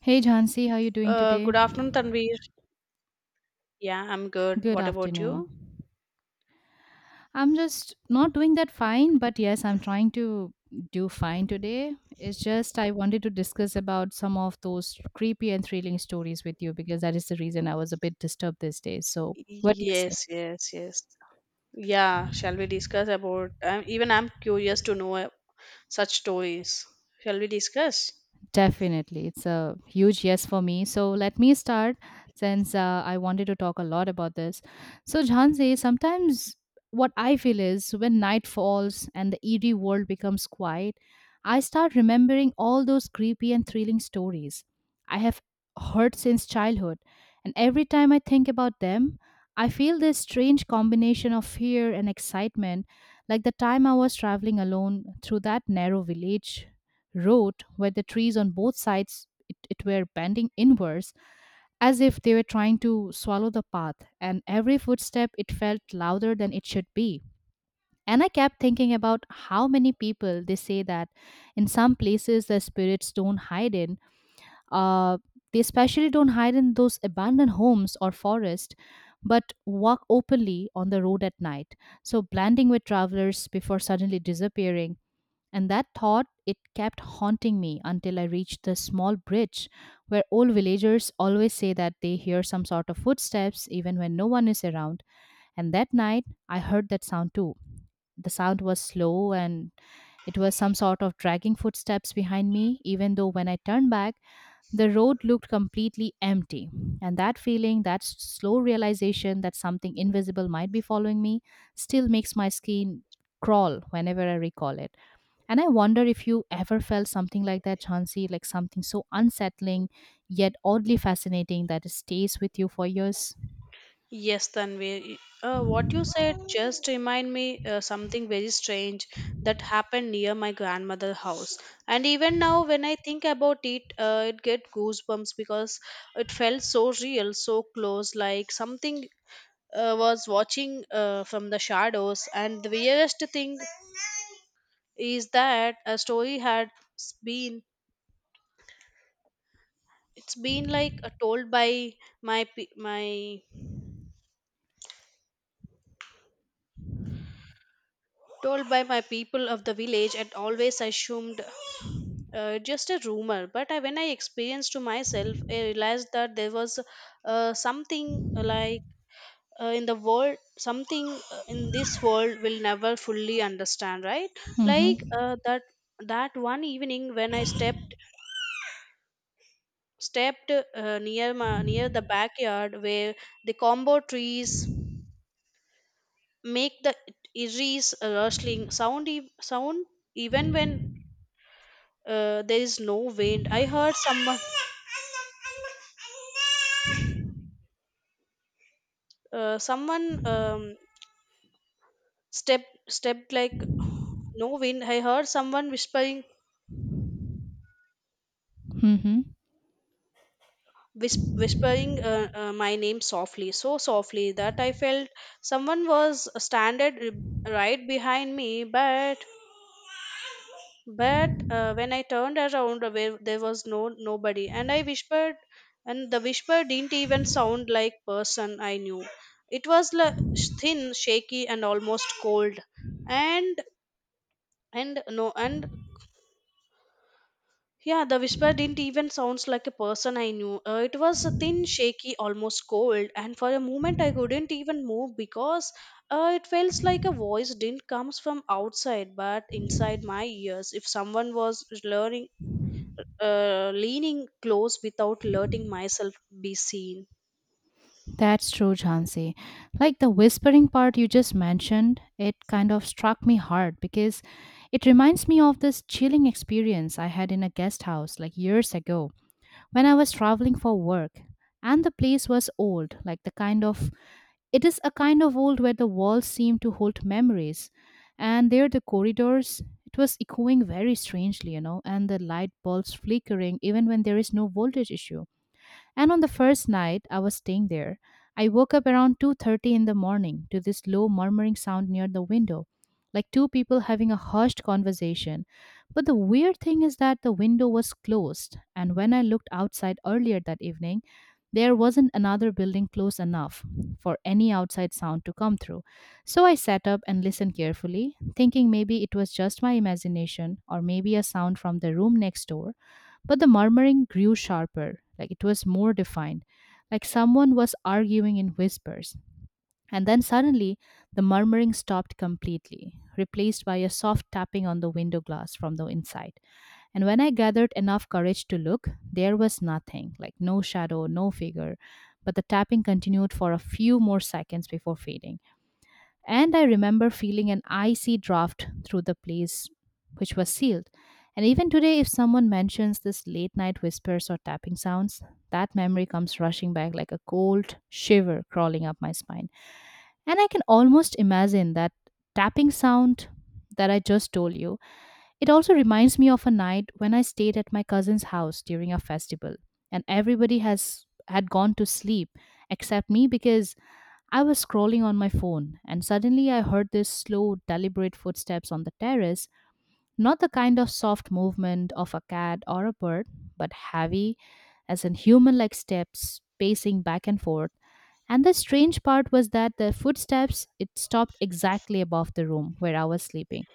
Hey Jhansi, how are you doing Uh, today? good afternoon, Tanvir. Yeah, I'm good. Good What about afternoon. you? I'm just not doing that fine, but yes, I'm trying to do fine today. It's just I wanted to discuss about some of those creepy and thrilling stories with you because that is the reason I was a bit disturbed these days. So, what do you say? Yes, yes, yes. Yeah, shall we discuss about? Even I'm curious to know such stories. Shall we discuss? Definitely. It's a huge yes for me. So let me start since I wanted to talk a lot about this. So, Jhansi, sometimes what I feel is when night falls and the eerie world becomes quiet, I start remembering all those creepy and thrilling stories I have heard since childhood. And every time I think about them, I feel this strange combination of fear and excitement, like the time I was traveling alone through that narrow village road where the trees on both sides it were bending inwards as if they were trying to swallow the path, and every footstep it felt louder than it should be. And I kept thinking about how many people they say that in some places the spirits don't hide in uh, they especially don't hide in those abandoned homes or forest, but walk openly on the road at night, so blending with travelers before suddenly disappearing. And that thought, it kept haunting me until I reached the small bridge where old villagers always say that they hear some sort of footsteps even when no one is around. And that night, I heard that sound too. The sound was slow, and it was some sort of dragging footsteps behind me, even though when I turned back, the road looked completely empty. And that feeling, that slow realization that something invisible might be following me, still makes my skin crawl whenever I recall it. And I wonder if you ever felt something like that, Chansi, like something so unsettling yet oddly fascinating that it stays with you for years. Yes, Tanvir. What you said just remind me something very strange that happened near my grandmother's house. And even now, when I think about it, it get goosebumps because it felt so real, so close, like something was watching from the shadows, and the weirdest thing is that a story had been it's been like told by my pe- my told by my people of the village and always assumed just a rumor, but when I experienced to myself I realized that there was something like in the world, something in this world will never fully understand, right? Like Mm-hmm. that that one evening when I stepped near near the backyard where the combo trees make the eerie's rustling sound even when there is no wind. I heard someone someone step stepped like no wind I heard someone Mm-hmm. Whispering my name softly, so softly that I felt someone was standing right behind me. But when I turned around, where there was no nobody, and I whispered, and the whisper didn't even sound like person I knew. It was like thin, shaky, and almost cold. And and yeah, the whisper didn't even sounds like a person I knew. It was a thin, shaky, almost cold, and for a moment I couldn't even move because it feels like a voice didn't comes from outside but inside my ears. If someone was learning leaning close without letting myself be seen. That's true, Chansey. Like the whispering part you just mentioned, it kind of struck me hard because it reminds me of this chilling experience I had in a guest house like years ago when I was traveling for work. And the place was old, like the kind of, it is a kind of world where the walls seem to hold memories, and there the corridors, it was echoing very strangely, you know, and the light bulbs flickering even when there is no voltage issue. And on the first night I was staying there, I woke up around 2:30 in the morning to this low murmuring sound near the window, like two people having a hushed conversation. But the weird thing is that the window was closed, and when I looked outside earlier that evening, there wasn't another building close enough for any outside sound to come through. So I sat up and listened carefully, thinking maybe it was just my imagination or maybe a sound from the room next door. But the murmuring grew sharper, like it was more defined, like someone was arguing in whispers. And then suddenly, the murmuring stopped completely, replaced by a soft tapping on the window glass from the inside. And when I gathered enough courage to look, there was nothing, like no shadow, no figure, but the tapping continued for a few more seconds before fading. And I remember feeling an icy draft through the place, which was sealed. And even today, if someone mentions this late night whispers or tapping sounds, that memory comes rushing back like a cold shiver crawling up my spine. And I can almost imagine that tapping sound that I just told you. It also reminds me of a night when I stayed at my cousin's house during a festival, and everybody has had gone to sleep except me because I was scrolling on my phone, and suddenly I heard this slow, deliberate footsteps on the terrace, not the kind of soft movement of a cat or a bird, but heavy, as in human like steps pacing back and forth. And the strange part was that the footsteps it stopped exactly above the room where I was sleeping.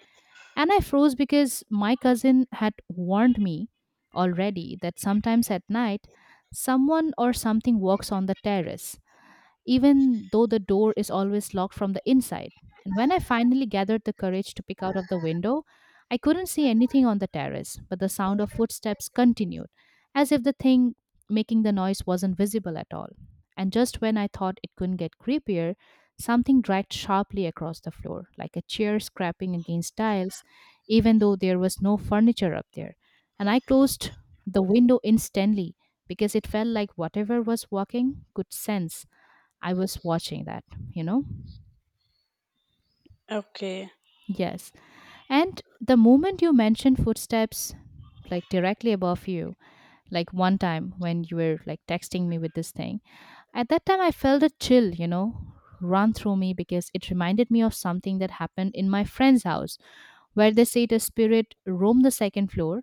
And I froze because my cousin had warned me already that sometimes at night someone or something walks on the terrace even though the door is always locked from the inside. And when I finally gathered the courage to peek out of the window, I couldn't see anything on the terrace, but the sound of footsteps continued, as if the thing making the noise wasn't visible at all. And just when I thought it couldn't get creepier, something dragged sharply across the floor, like a chair scraping against tiles, even though there was no furniture up there. And I closed the window instantly because it felt like whatever was walking could sense I was watching that, you know? Okay, Yes. And the moment you mentioned footsteps, like directly above you, like one time when you were like texting me with this thing, at that time I felt a chill, you know, run through me because it reminded me of something that happened in my friend's house, where they said a spirit roamed the second floor.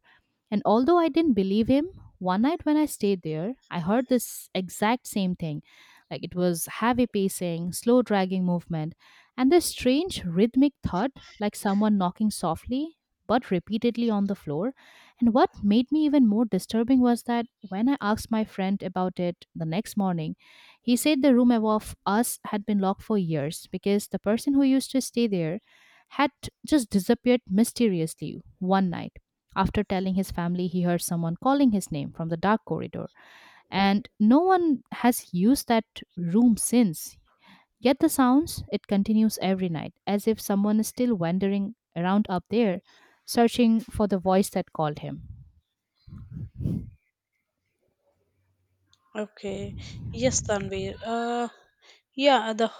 And although I didn't believe him, one night when I stayed there, I heard this exact same thing. Like, it was heavy pacing, slow dragging movement, and this strange rhythmic thud, like someone knocking softly but repeatedly on the floor. And what made me even more disturbing was that when I asked my friend about it the next morning, he said the room above us had been locked for years because the person who used to stay there had just disappeared mysteriously one night, after telling his family he heard someone calling his name from the dark corridor, and no one has used that room since. Yet the sounds, it continues every night, as if someone is still wandering around up there, searching for the voice that called him. okay. Yes, Tanvir. Yeah, the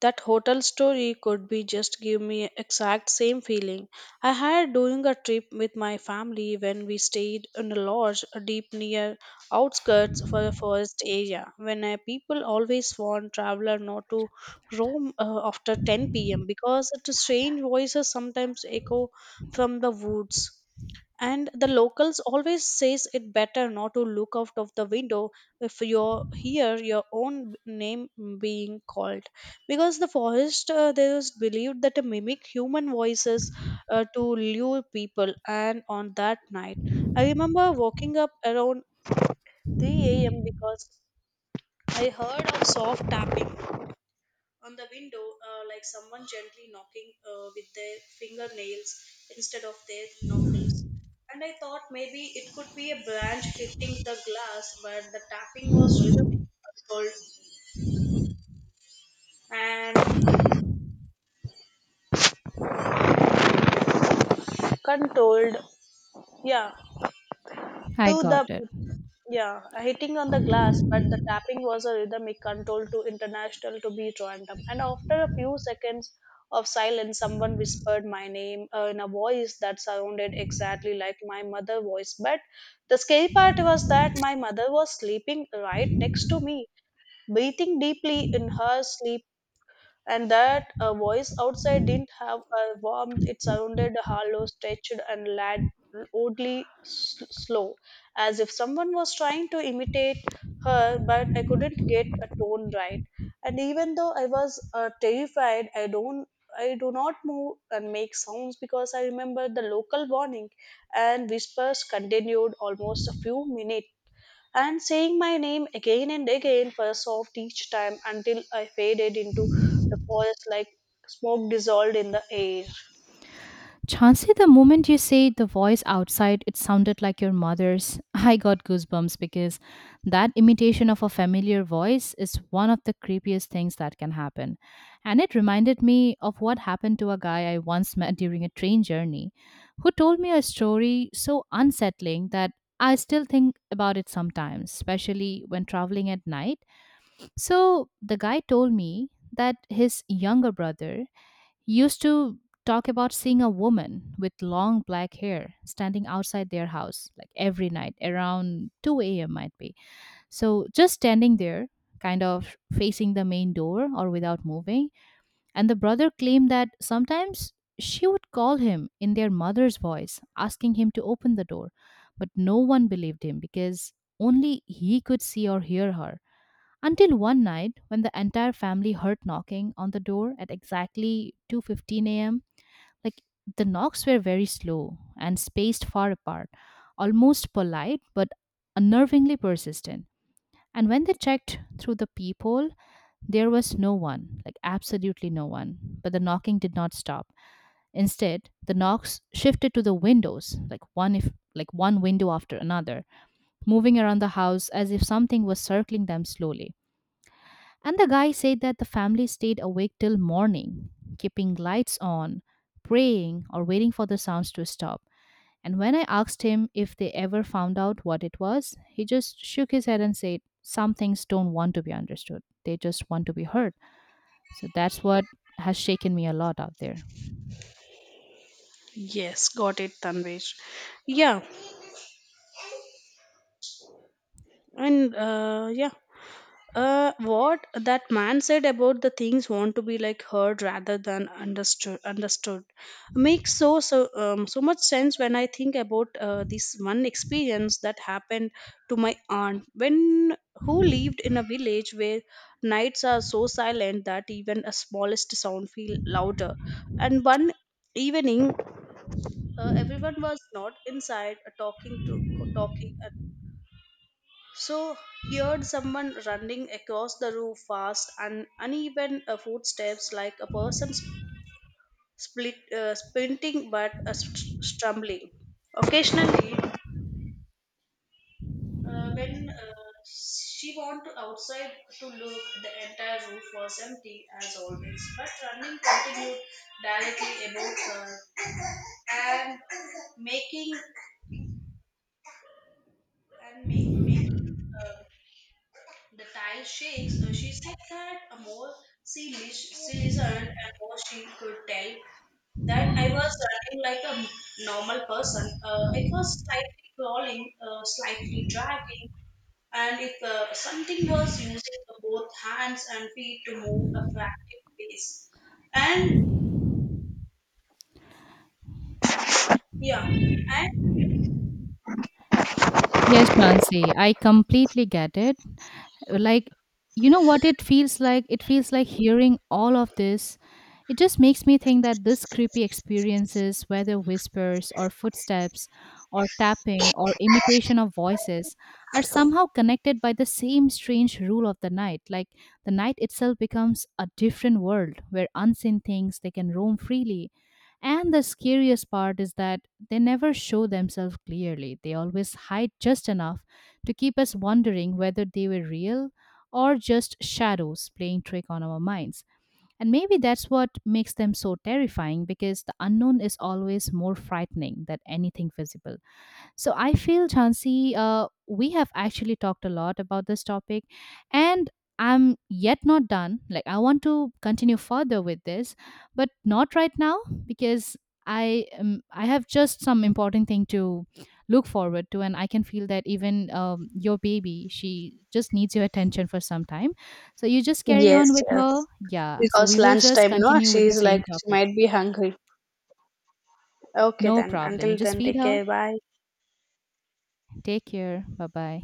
that hotel story could be just give me exact same feeling I had during a trip with my family when we stayed in a lodge deep near outskirts for the forest area. When people always warn traveler not to roam after 10 p.m. because the strange voices sometimes echo from the woods. And the locals always says it better not to look out of the window if you hear your own name being called because the forest, they was believed that they mimic human voices to lure people. And on that night, I remember waking up around 3 a.m because I heard a soft tapping on the window, like someone gently knocking with their fingernails instead of their knuckles. And I thought maybe it could be a branch Thank you. hitting the glass, but the tapping was rhythmic, controlled, controlled. Yeah, I To got the it. yeah, Hitting on the glass, but the tapping was a rhythmic control to international to beat random. And after a few seconds of silence, someone whispered my name in a voice that sounded exactly like my mother' voice. But the scary part was that my mother was sleeping right next to me, breathing deeply in her sleep, and that a voice outside didn't have a warmth. It sounded hollow, stretched, and oddly slow, as if someone was trying to imitate her, but I couldn't get a tone right. And even though I was terrified, I don't. I do not move and make sounds because I remember the local warning, and whispers continued almost a few minutes and saying my name again and again for a soft each time until I faded into the forest like smoke dissolved in the air. Chansey, the moment you say the voice outside, it sounded like your mother's. I got goosebumps because that imitation of a familiar voice is one of the creepiest things that can happen. And it reminded me of what happened to a guy I once met during a train journey who told me a story so unsettling that I still think about it sometimes, especially when traveling at night. So the guy told me that his younger brother used to talk about seeing a woman with long black hair standing outside their house like every night around 2 a.m. might be. So just standing there, kind of facing the main door or without moving. And the brother claimed that sometimes she would call him in their mother's voice, asking him to open the door. But no one believed him because only he could see or hear her. Until one night when the entire family heard knocking on the door at exactly 2:15 a.m., like the knocks were very slow and spaced far apart, almost polite but unnervingly persistent. And when they checked through the peephole, there was no one, like absolutely no one. But the knocking did not stop. Instead, the knocks shifted to the windows, like one if like one window after another, moving around the house as if something was circling them slowly. And the guy said that the family stayed awake till morning, keeping lights on, praying, or waiting for the sounds to stop. And when I asked him if they ever found out what it was, he just shook his head and said, "Some things don't want to be understood, they just want to be heard." So that's what has shaken me a lot out there. Yes, got it, Tanvir. Yeah, and uh, yeah, what that man said about the things want to be like heard rather than understood makes so much sense when I think about this one experience that happened to my aunt, when who lived in a village where nights are so silent that even a smallest sound feel louder. And one evening, everyone was not inside, talking, so heard someone running across the roof, fast and uneven footsteps like a person sprinting but stumbling. Occasionally, when she went outside to look, the entire roof was empty as always. But running continued directly above her and making making, uh, the tile shakes. She said that a more she listened, and more she could tell that I was running like a normal person. It was slightly crawling, slightly dragging, and if something was using both hands and feet to move a frantic pace. And yeah, and Yes, Shansi, I completely get it. Like, you know what it feels like, it feels like hearing all of this, it just makes me think that this creepy experiences, whether whispers or footsteps or tapping or imitation of voices, are somehow connected by the same strange rule of the night, like the night itself becomes a different world where unseen things they can roam freely, and the scariest part is that they never show themselves clearly, they always hide just enough to keep us wondering whether they were real or just shadows playing trick on our minds. And maybe that's what makes them so terrifying, because the unknown is always more frightening than anything visible. So I feel, Chansi, we have actually talked a lot about this topic, and I'm yet not done. Like, I want to continue further with this, but not right now because I have just some important thing to look forward to, and I can feel that even your baby, she just needs your attention for some time. So you just carry on Yes, with her, yes. yeah. So Because we will just lunchtime, no, continue with the she's same like, she topic. might be hungry. Okay, No then. problem. You Until just then, feed take her. care. Bye. Take care. Bye bye.